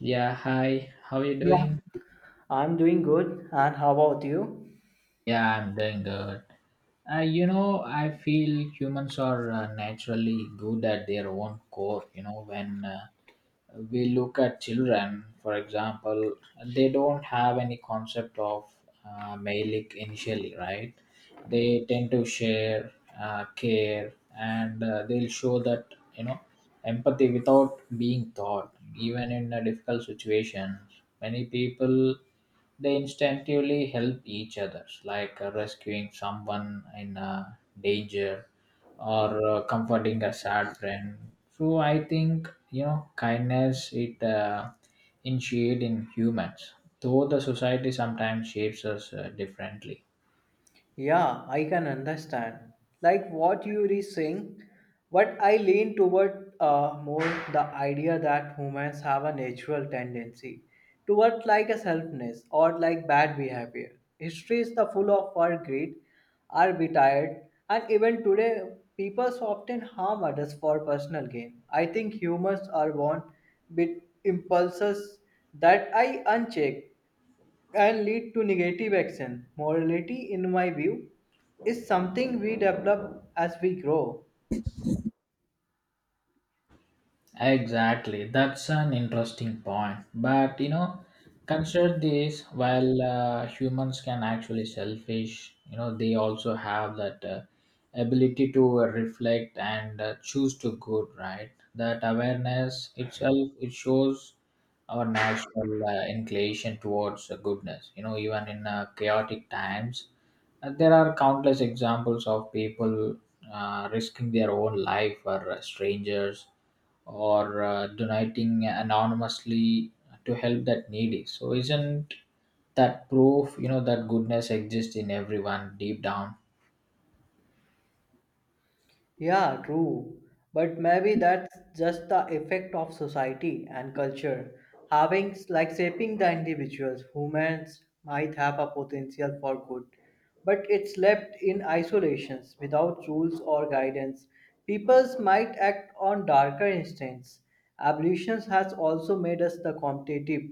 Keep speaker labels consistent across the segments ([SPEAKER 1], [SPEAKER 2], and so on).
[SPEAKER 1] Yeah, hi. How are you
[SPEAKER 2] Yeah,
[SPEAKER 1] doing?
[SPEAKER 2] I'm doing good. And how about you?
[SPEAKER 1] Yeah, I'm doing good. I feel humans are naturally good at their own core. You know, when We look at children, for example, they don't have any concept of mailing initially, right? They tend to share, care, and they'll show that, you know, empathy without being taught, even in a difficult situations. Many people, they instinctively help each others, like rescuing someone in danger or comforting a sad friend. So I think kindness it initiate in humans, though the society sometimes shapes us differently.
[SPEAKER 2] Yeah, I can understand. Like what you are saying, but I lean toward more the idea that humans have a natural tendency toward like a selfness or like bad behavior. History is the full of our greed, are retired, and even today, people often harm others for personal gain. I think humans are born with impulses that I uncheck and lead to negative action. Morality, in my view, is something we develop as we grow.
[SPEAKER 1] Exactly, that's an interesting point. But you know, consider this: while humans can actually selfish, you know, they also have that ability to reflect and choose to good. Right, that awareness itself it shows our natural inclination towards goodness. You know, even in chaotic times, there are countless examples of people risking their own life for strangers or donating anonymously to help that needy so isn't that proof you know that goodness exists in everyone deep down.
[SPEAKER 2] Yeah, true. But maybe that's just the effect of society and culture. Having, like, shaping the individuals, humans might have a potential for good, but it's left in isolations without rules or guidance. Peoples might act on darker instincts. Evolution has also made us the competitive,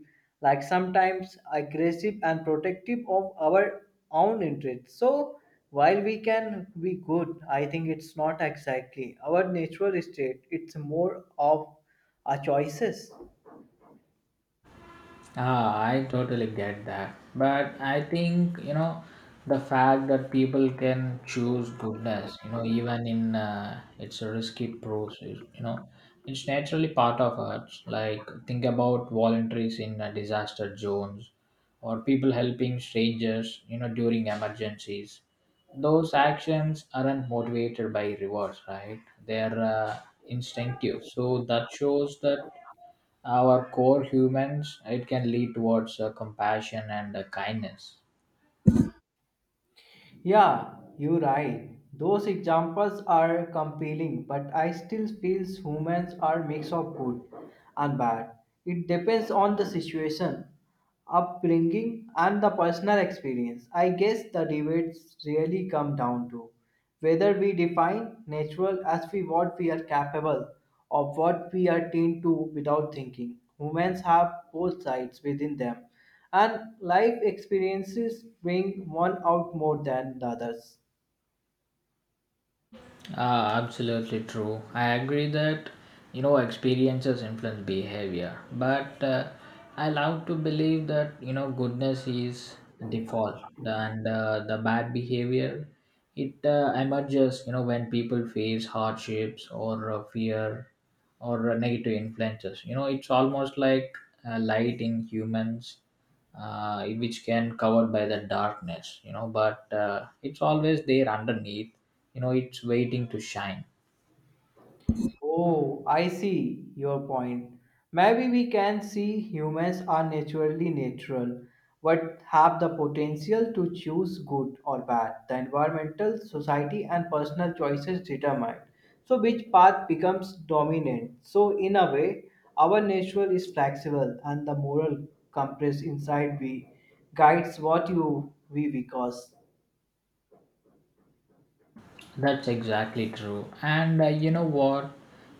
[SPEAKER 2] like sometimes aggressive and protective of our own interests. So while we can be good, I think it's not exactly our natural state. It's more of our choices.
[SPEAKER 1] Ah, I totally get that. But I think, you know, the fact that people can choose goodness, you know, even in it's a risky process, you know, it's naturally part of us. Like, think about voluntaries in disaster zones or people helping strangers, you know, during emergencies. Those actions aren't motivated by rewards, right? They're instinctive. So that shows that our core humans, it can lead towards compassion and kindness.
[SPEAKER 2] Yeah, you're right. Those examples are compelling, but I still feel humans are mix of good and bad. It depends on the situation, upbringing, and the personal experience. I guess the debates really come down to. Whether we define natural as we what we are capable of what we are trained to without thinking. Humans have both sides within them and life experiences bring one out more than the others.
[SPEAKER 1] Ah, absolutely true. I agree that you know experiences influence behavior, but I love to believe that you know goodness is default and the bad behavior it emerges you know when people face hardships or fear or negative influences. You know it's almost like light in humans which can covered by the darkness you know but it's always there underneath you know it's waiting to shine.
[SPEAKER 2] Oh, I see your point. Maybe we can see humans are naturally natural, but have the potential to choose good or bad. The environmental, society, and personal choices determine. So, which path becomes dominant? So, in a way, our natural is flexible, and the moral compass inside we guides what you we because.
[SPEAKER 1] That's exactly true. And You know what?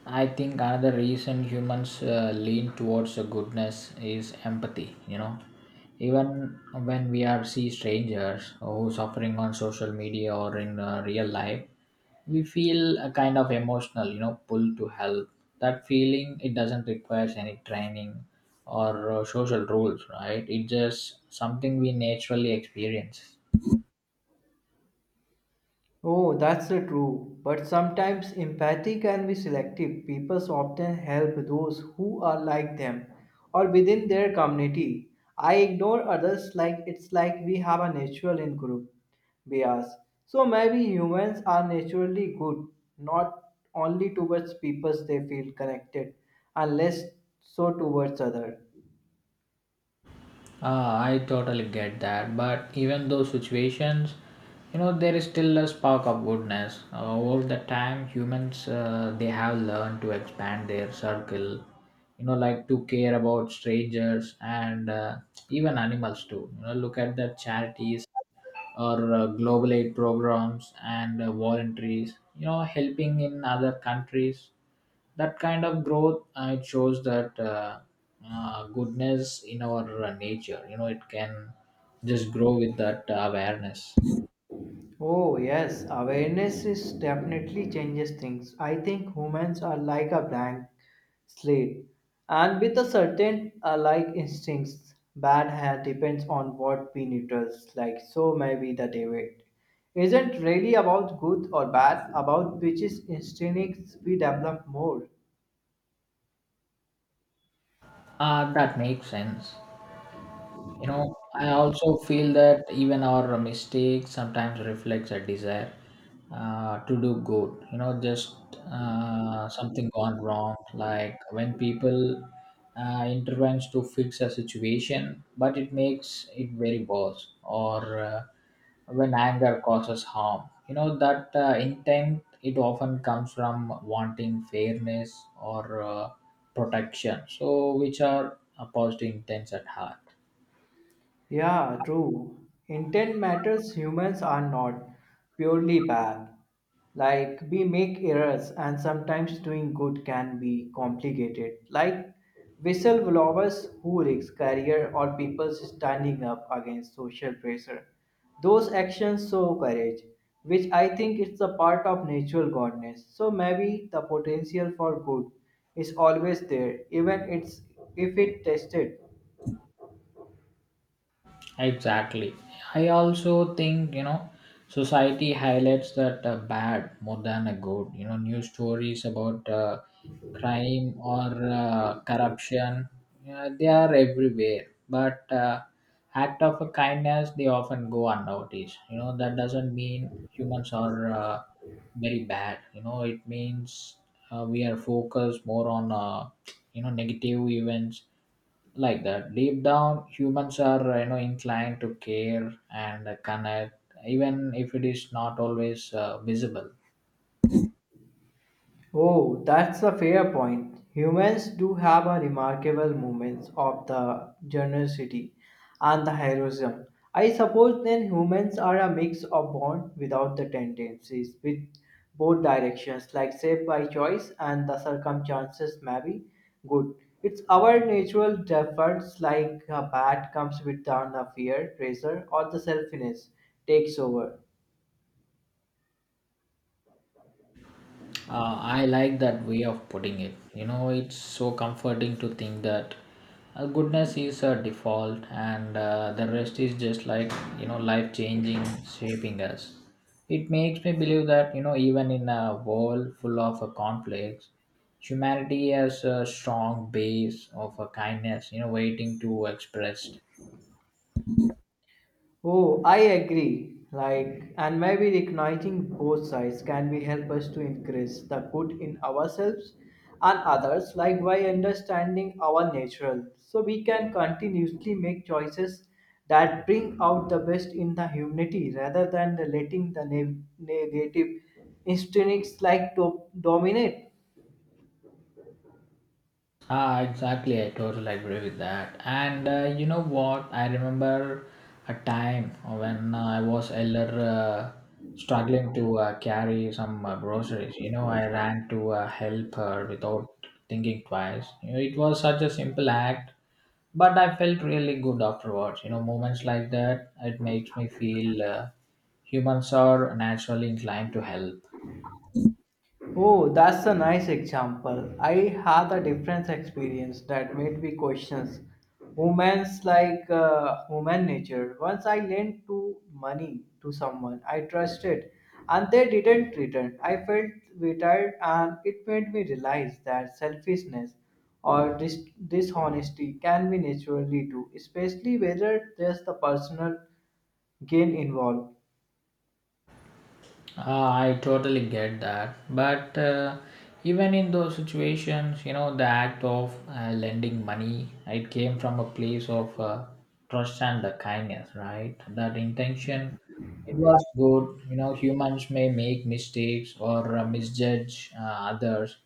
[SPEAKER 1] I think another reason humans lean towards goodness is empathy. You know, even when we are see strangers who suffering on social media or in real life, we feel a kind of emotional. You know, pull to help. That feeling it doesn't require any training or social rules, right? It's just something we naturally experience.
[SPEAKER 2] Oh, that's true. But sometimes empathy can be selective. People often help those who are like them or within their community. I ignore others like it's like we have a natural in group bias. So maybe humans are naturally good, not only towards people they feel connected, unless so towards other.
[SPEAKER 1] Ah, I totally get that. But even those situations, you know, there is still a spark of goodness. Over the time, humans they have learned to expand their circle. You know, like to care about strangers and even animals too. You know, look at the charities or global aid programs and voluntaries. You know, helping in other countries that kind of growth it shows that goodness in our nature you know it can just grow with that awareness.
[SPEAKER 2] Oh, yes, awareness is definitely changes things. I think humans are like a blank slate and with a certain like instincts. Bad hair depends on what we neutrals like, so maybe the debate isn't really about good or bad, about which is instincts we develop more.
[SPEAKER 1] That makes sense. You know, I also feel that even our mistake sometimes reflects a desire to do good. You know, just something gone wrong. Like when people intervenes to fix a situation, but it makes it very worse. Or when anger causes harm. You know that intent it often comes from wanting fairness or protection. So which are opposed to intents at heart.
[SPEAKER 2] Yeah, true. Intent matters, humans are not purely bad. Like, we make errors, and sometimes doing good can be complicated. Like, whistleblowers who risk career or people standing up against social pressure. Those actions show courage, which I think is a part of natural goodness. So maybe the potential for good is always there, even it's if it tested.
[SPEAKER 1] Exactly. I also think, you know, society highlights that bad more than a good. You know, news stories about crime or corruption, yeah, they are everywhere. But act of a kindness, they often go unnoticed. You know, that doesn't mean humans are very bad. You know, it means we are focused more on, negative events like that deep down humans are you know inclined to care and connect even if it is not always visible.
[SPEAKER 2] Oh, that's a fair point. Humans do have a remarkable moments of the generosity and the heroism. I suppose then humans are a mix of born without the tendencies with both directions, like saved by choice and the circumstances may be good. It's our natural defaults like a bad comes with down the fear, pressure, or the selfishness takes over.
[SPEAKER 1] I like that way of putting it. You know, it's so comforting to think that goodness is a default and the rest is just like, you know, life changing, shaping us. It makes me believe that, you know, even in a world full of conflicts, humanity has a strong base of kindness, you know, waiting to expressed.
[SPEAKER 2] Oh, I agree. Like, and maybe recognizing both sides can be help us to increase the good in ourselves and others, like by understanding our natural, so we can continuously make choices that bring out the best in the humanity rather than the letting the negative instincts like to dominate.
[SPEAKER 1] Ah, exactly. I totally agree with that. And You know what? I remember a time when I was elder, uh, struggling to carry some groceries. You know, I ran to help her without thinking twice. You know, it was such a simple act, but I felt really good afterwards. You know, moments like that, it makes me feel humans are naturally inclined to help.
[SPEAKER 2] Oh, that's a nice example. I had a different experience that made me question women's like human nature. Once I lent to money to someone I trusted, and they didn't return. I felt retired, and it made me realize that selfishness or dishonesty can be naturally too, especially whether there's the personal gain involved.
[SPEAKER 1] I totally get that. But even in those situations, you know, the act of lending money, it came from a place of trust and the kindness, right? That intention, it was good. You know, humans may make mistakes or misjudge others,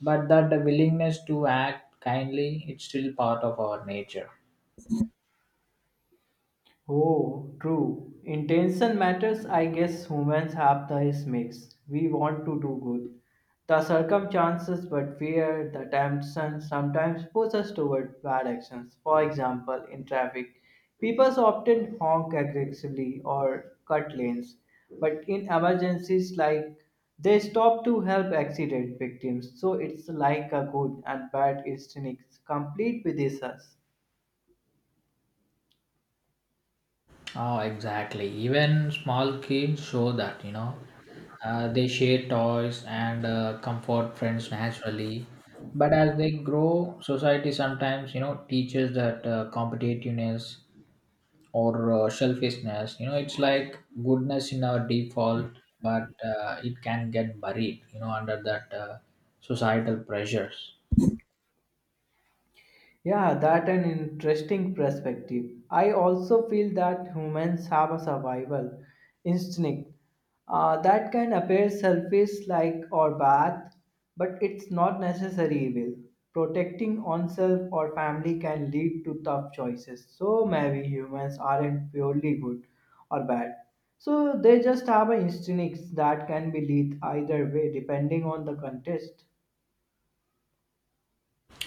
[SPEAKER 1] but that the willingness to act kindly, it's still part of our nature.
[SPEAKER 2] Oh, true. Intention matters. I guess humans have this mix. We want to do good. The circumstances, but fear, the temptation sometimes push us toward bad actions. For example, in traffic, people often honk aggressively or cut lanes. But in emergencies like they stop to help accident victims. So it's like a good and bad instinct complete with us.
[SPEAKER 1] Oh, exactly. Even small kids show that, you know. They share toys and comfort friends naturally. But as they grow, society sometimes, you know, teaches that competitiveness or selfishness, you know, it's like goodness in our default, but it can get buried, you know, under that societal pressures.
[SPEAKER 2] Yeah, that an interesting perspective. I also feel that humans have a survival instinct that can appear selfish, like or bad, but it's not necessarily evil. Protecting oneself or family can lead to tough choices. So maybe humans aren't purely good or bad. So they just have an instinct that can be lead either way depending on the context.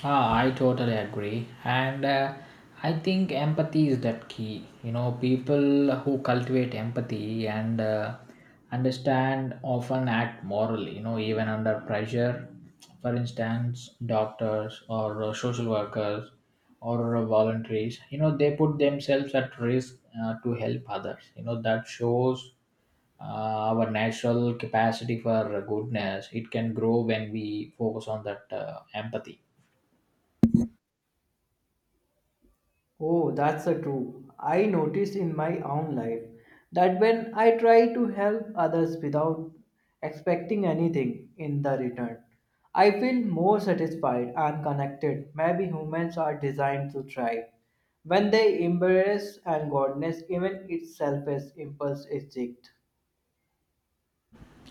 [SPEAKER 1] Ah, I totally agree. And I think empathy is that key. You know, people who cultivate empathy and understand often act morally, you know, even under pressure. For instance, doctors or social workers or voluntaries, you know, they put themselves at risk to help others. You know, that shows uh, our natural capacity for goodness. It can grow when we focus on that empathy.
[SPEAKER 2] Oh, that's a true. I noticed in my own life that when I try to help others without expecting anything in the return, I feel more satisfied and connected. Maybe humans are designed to thrive when they embrace and goodness, even its selfish impulse is checked.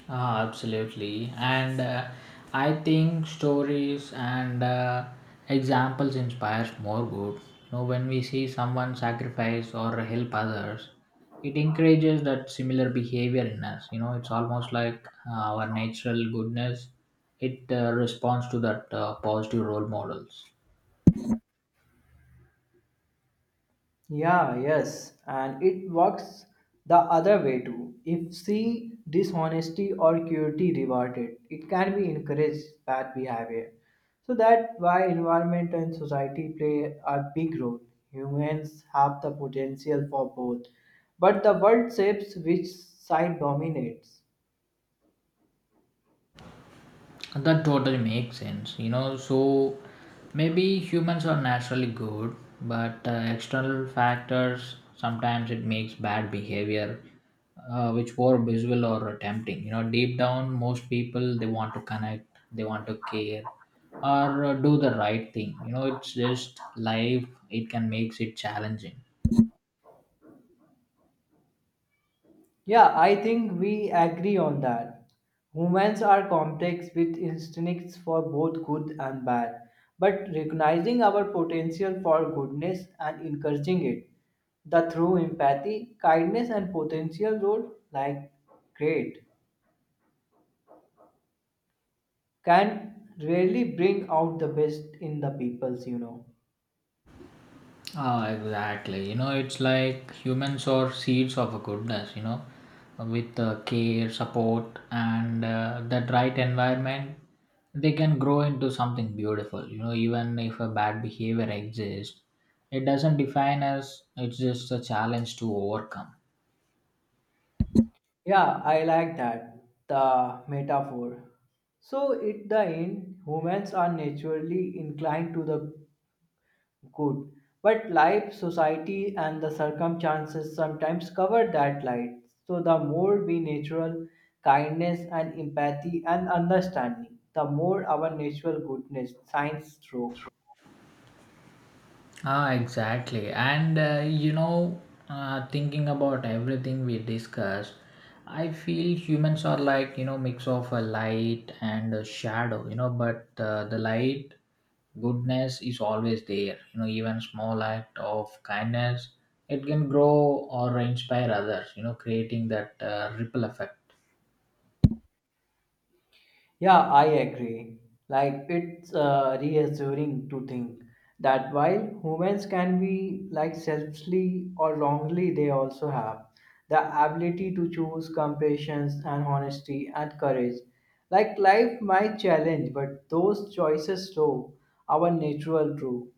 [SPEAKER 1] Ah, absolutely. And I think stories and examples inspires more good. You know, when we see someone sacrifice or help others, it encourages that similar behavior in us. You know, it's almost like our natural goodness. It responds to that positive role models.
[SPEAKER 2] Yeah, yes, and it works the other way too. If see dishonesty or cruelty rewarded, it can be encouraged bad behavior. So that's why environment and society play a big role. Humans have the potential for both, but the world shapes which side dominates.
[SPEAKER 1] That totally makes sense. You know, so maybe humans are naturally good, but external factors sometimes it makes bad behavior, which were visual or tempting. You know, deep down, most people they want to connect, they want to care, or do the right thing. You know, it's just life. It can makes it challenging.
[SPEAKER 2] Yeah, I think we agree on that. Humans are complex with instincts for both good and bad, but recognizing our potential for goodness and encouraging it, the through empathy, kindness, and potential role like great can really bring out the best in the peoples, you know.
[SPEAKER 1] Ah, exactly. You know, it's like humans are seeds of a goodness, you know, with care, support, and that right environment, they can grow into something beautiful. You know, even if a bad behavior exists, it doesn't define us, it's just a challenge to overcome.
[SPEAKER 2] Yeah, I like that, the metaphor. So, at the end, humans are naturally inclined to the good. But life, society, and the circumstances sometimes cover that light. So the more we natural kindness and empathy and understanding, the more our natural goodness shines through.
[SPEAKER 1] Ah, exactly. Thinking about everything we discussed, I feel humans are like you know mix of a light and a shadow. You know, but the light goodness is always there. You know, even small act of kindness it can grow or inspire others. You know, creating that ripple effect.
[SPEAKER 2] Yeah, I agree. Like it's reassuring to think that while humans can be like selfishly or wrongly, they also have the ability to choose compassion and honesty and courage. Like life might challenge, but those choices show our natural true.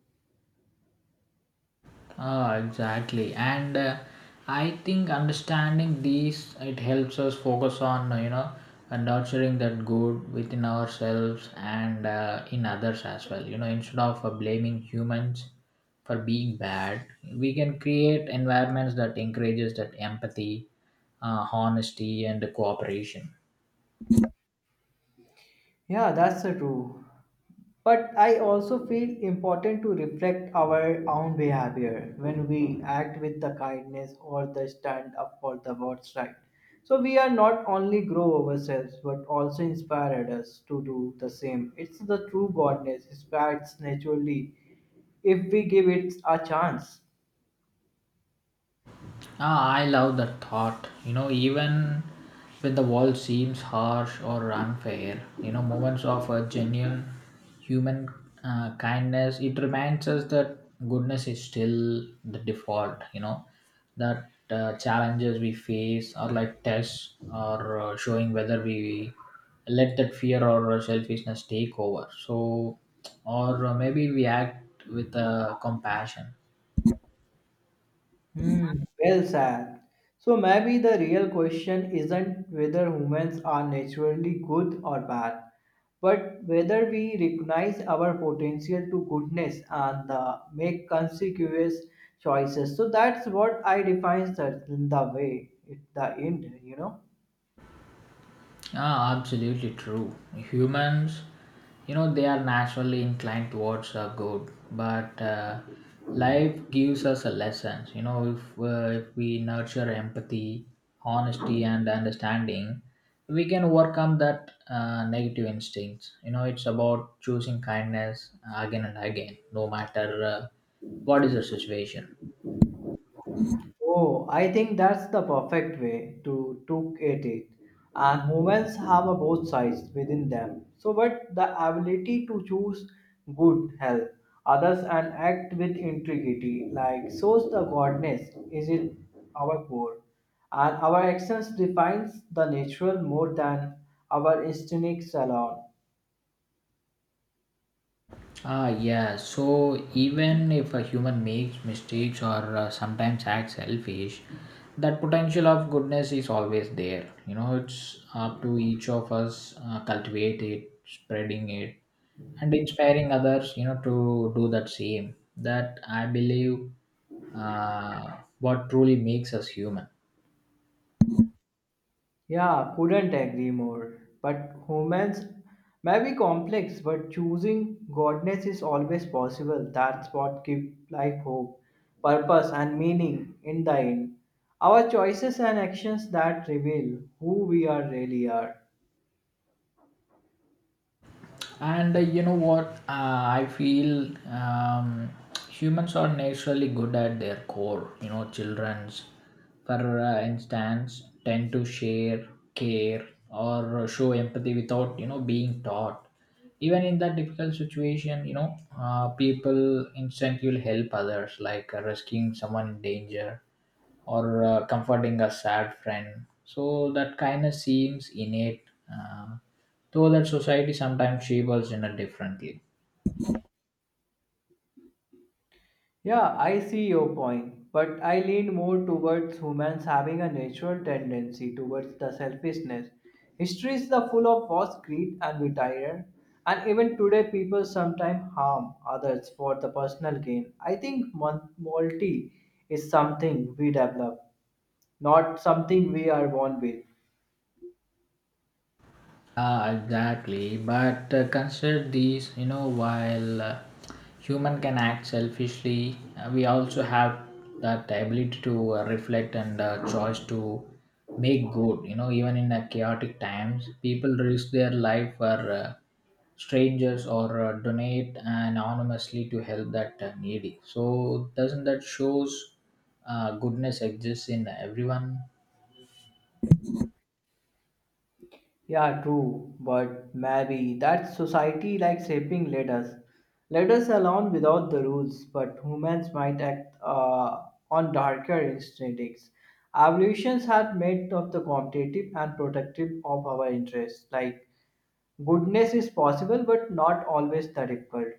[SPEAKER 1] Ah, exactly. And I think understanding these it helps us focus on you know nurturing that good within ourselves and in others as well. You know, instead of blaming humans for being bad, we can create environments that encourages that empathy, honesty, and cooperation.
[SPEAKER 2] Yeah, that's the true. But I also feel important to reflect our own behavior when we act with the kindness or the stand up for the what's right. So we are not only grow ourselves but also inspire others to do the same. It's the true godness, it spreads naturally if we give it a chance.
[SPEAKER 1] Ah, I love that thought. You know, even when the world seems harsh or unfair, you know, moments of a genuine human kindness, it reminds us that goodness is still the default, you know, that challenges we face are like tests or showing whether we let that fear or selfishness take over. So, or maybe we act with compassion.
[SPEAKER 2] Hmm, well said. So maybe the real question isn't whether humans are naturally good or bad, but whether we recognize our potential to goodness and make consequentious choices. So that's what I define the way at the end, you know.
[SPEAKER 1] Ah, absolutely true. Humans, you know, they are naturally inclined towards the good, but life gives us a lesson. You know, if we nurture empathy, honesty, and understanding, we can overcome that negative instincts. You know, it's about choosing kindness again and again, no matter what is the situation.
[SPEAKER 2] Oh, I think that's the perfect way to it. And humans have a both sides within them. So, but the ability to choose good, help others, and act with integrity, like shows the godness, is in our core, and our actions defines the natural more than our instinct alone.
[SPEAKER 1] Ah, yeah. So even if a human makes mistakes or sometimes acts selfish, that potential of goodness is always there. You know, it's up to each of us cultivate it, spreading it, and inspiring others. You know, to do that same. That I believe, what truly makes us human.
[SPEAKER 2] Yeah, couldn't agree more. But humans may be complex, but choosing godness is always possible. That's what gives life hope, purpose, and meaning in the end. Our choices and actions that reveal who we are really are.
[SPEAKER 1] And you know what I feel humans are naturally good at their core you know children's for instance tend to share care or show empathy without you know being taught even in that difficult situation you know people instantly will help others like rescuing someone in danger or comforting a sad friend. So that kindness seems innate, uh, though that society sometimes shapes us in a differently.
[SPEAKER 2] Yeah, I see your point, but I lean more towards humans having a natural tendency towards the selfishness. History is the full of false greed and betrayal, and even today people sometimes harm others for the personal gain. I think morality is something we develop, not something we are born with.
[SPEAKER 1] Ah, exactly. But consider these, you know, while human can act selfishly, we also have that ability to reflect and choice to make good. You know, even in chaotic times, people risk their life for uh, strangers or donate anonymously to help that needy. So doesn't that shows goodness exists in everyone?
[SPEAKER 2] Yeah, true, but maybe that society likes shaping leaders. Leaders alone without the rules, but humans might act on darker instincts. Evolutions have made of the competitive and protective of our interests. Like goodness is possible, but not always the difficult.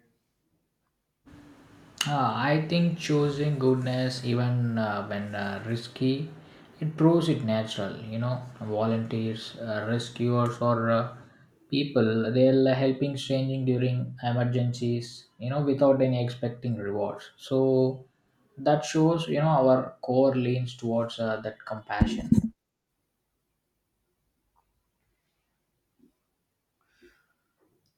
[SPEAKER 1] I think choosing goodness, even when risky, it proves it natural. You know, volunteers, rescuers, or people they're helping strangers during emergencies, You know, without any expecting rewards. So that shows, you know, our core leans towards that compassion.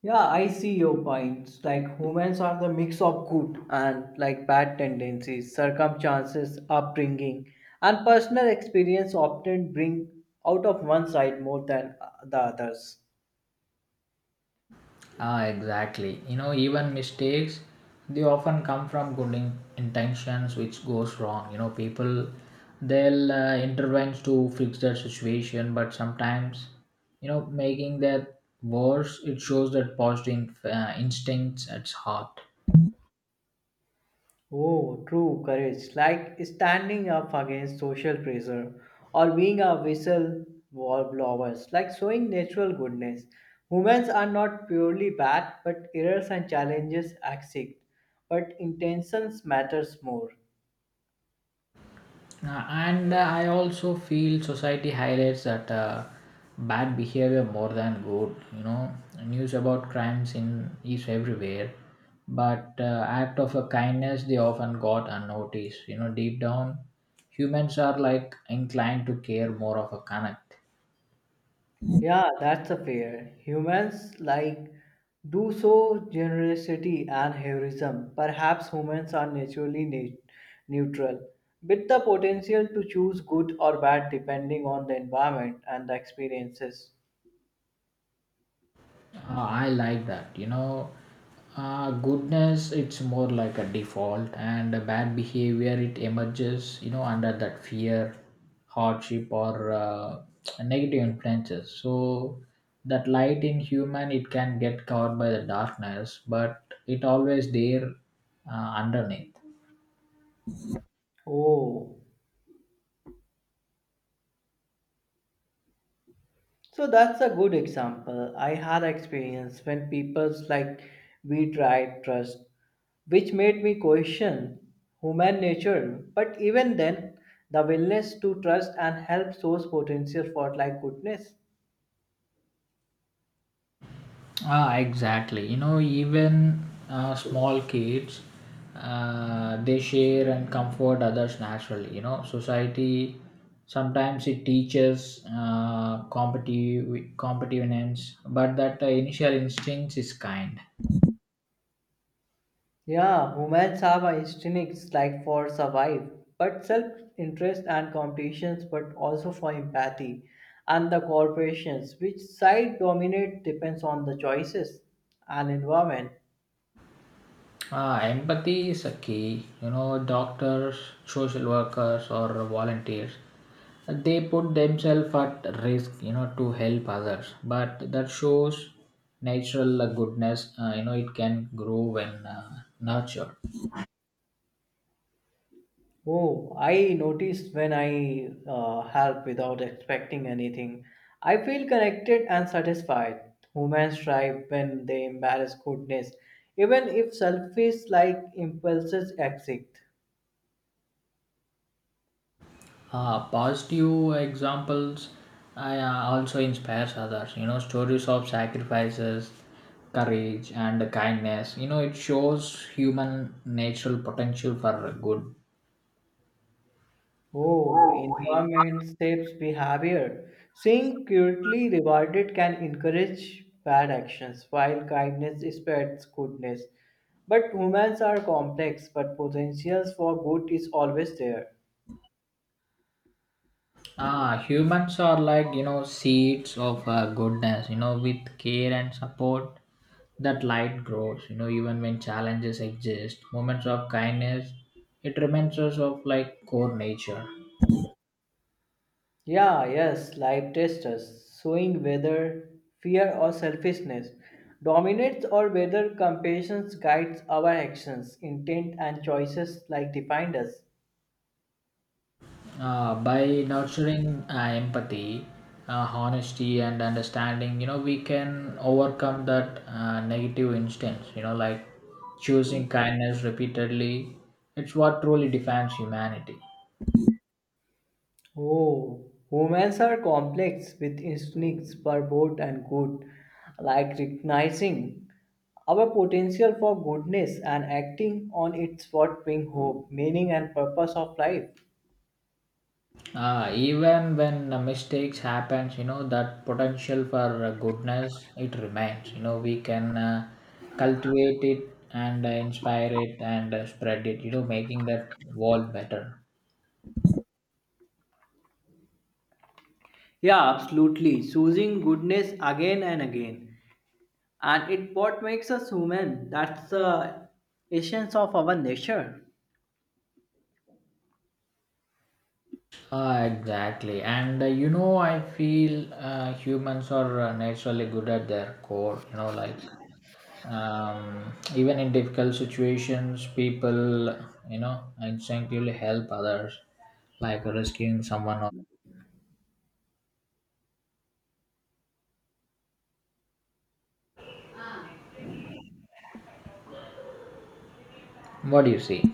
[SPEAKER 2] Yeah, I see your points. Like humans are the mix of good and like bad tendencies, circumstances, upbringing, and personal experience often bring out of one side more than the others.
[SPEAKER 1] Ah, exactly. You know, even mistakes, they often come from intentions which goes wrong. You know, people, they'll intervene to fix their situation, but sometimes, you know, making that worse, it shows that positive instincts at heart.
[SPEAKER 2] Oh, true courage, like standing up against social pressure or being a whistle blowers, like showing natural goodness. Humans are not purely bad, but errors and challenges exist, but intentions matters more.
[SPEAKER 1] And I also feel society highlights that bad behavior more than good. You know, news about crimes in is everywhere, but act of a kindness they often got unnoticed. You know, deep down, humans are like inclined to care more of a connect.
[SPEAKER 2] Yeah, that's a fair. Humans like do so generosity and heroism. Perhaps humans are naturally neutral, with the potential to choose good or bad depending on the environment and the experiences.
[SPEAKER 1] I like that. You know, goodness, it's more like a default, and a bad behavior, it emerges, you know, under that fear, hardship, or negative influences. So, that light in human, it can get covered by the darkness, but it always there underneath.
[SPEAKER 2] Oh, so that's a good example. I had experience when people's like we tried trust, which made me question human nature. But even then, the willingness to trust and help shows potential for like goodness.
[SPEAKER 1] Ah, exactly. You know, even small kids, they share and comfort others naturally. You know, society sometimes it teaches competitiveness, but that initial instinct is kind.
[SPEAKER 2] Yeah, humans have a instincts like for survive, but self-interest and competitions, but also for empathy and the corporations, which side dominate depends on the choices and environment.
[SPEAKER 1] Empathy is a key. You know, doctors, social workers, or volunteers, they put themselves at risk, you know, to help others. But that shows natural goodness, you know, it can grow when nurtured.
[SPEAKER 2] Oh, I noticed when I help without expecting anything. I feel connected and satisfied. Humans thrive when they embrace goodness, even if selfish like impulses exist.
[SPEAKER 1] Positive examples also inspires others. You know, stories of sacrifices, courage, and kindness. You know, it shows human natural potential for good.
[SPEAKER 2] Oh, environment shapes behavior. Seeing cruelty rewarded can encourage bad actions, while kindness spreads goodness. But humans are complex, but potentials for good is always there.
[SPEAKER 1] Ah, humans are like, you know, seeds of goodness, you know, with care and support that light grows, you know, even when challenges exist. Moments of kindness, it reminds us of like core nature.
[SPEAKER 2] Yeah, yes, life tests us, showing whether fear or selfishness dominates or whether compassion guides our actions, intent, and choices like defined us.
[SPEAKER 1] By nurturing empathy, honesty, and understanding, you know, we can overcome that negative instance, you know, like choosing kindness repeatedly. It's what truly defines humanity.
[SPEAKER 2] Oh, humans are complex with instincts for both and good, like recognizing our potential for goodness and acting on its what bring hope, meaning, and purpose of life.
[SPEAKER 1] Even when mistakes happens, you know, that potential for goodness it remains. You know, we can cultivate it and inspire it and spread it, you know, making that world better.
[SPEAKER 2] Yeah, absolutely. Choosing goodness again and again and it what makes us human, that's the essence of our nature.
[SPEAKER 1] Ah, exactly. And You know, I feel humans are naturally good at their core. You know, like even in difficult situations, people, you know, instinctively help others, like rescuing someone. What do you see?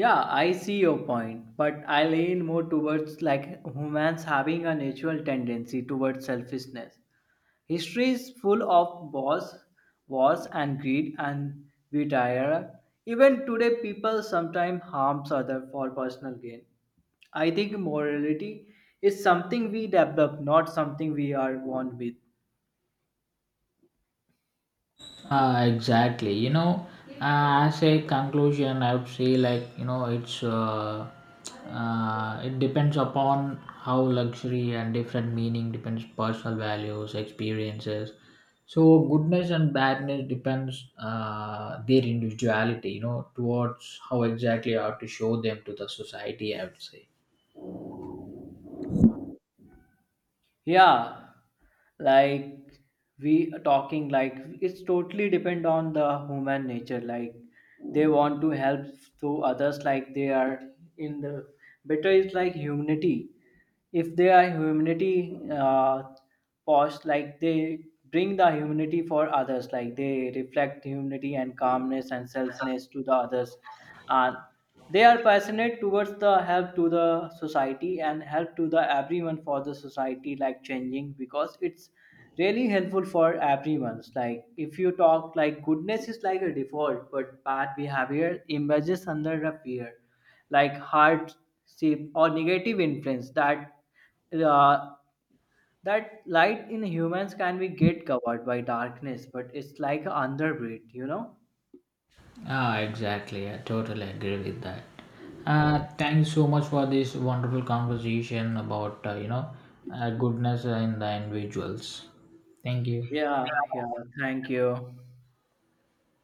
[SPEAKER 2] Yeah, I see your point, but I lean more towards like humans having a natural tendency towards selfishness. History is full of wars, and greed and desire. Even today people sometimes harms other for personal gain. I think morality is something we develop, not something we are born with.
[SPEAKER 1] Exactly. You know, as a conclusion, I would say, like, you know, it's it depends upon how luxury and different meaning depends personal values, experiences. So goodness and badness depends their individuality. You know, towards how exactly I have to show them to the society, I would say.
[SPEAKER 2] Yeah, like we are talking like it's totally depend on the human nature, like they want to help to others, like they are in the better is like humanity. If they are humanity pause, like they bring the humanity for others, like they reflect humanity and calmness and selfness to the others, and they are passionate towards the help to the society and help to the everyone for the society like changing, because it's really helpful for everyone. Like if you talk like goodness is like a default but bad behavior emerges under a fear like hardship or negative influence, that uh, that light in humans can be get covered by darkness but it's like an underbreed, you know.
[SPEAKER 1] Ah, exactly. I totally agree with that. Thank you so much for this wonderful conversation about you know goodness in the individuals. Thank you.
[SPEAKER 2] Yeah, yeah, thank you.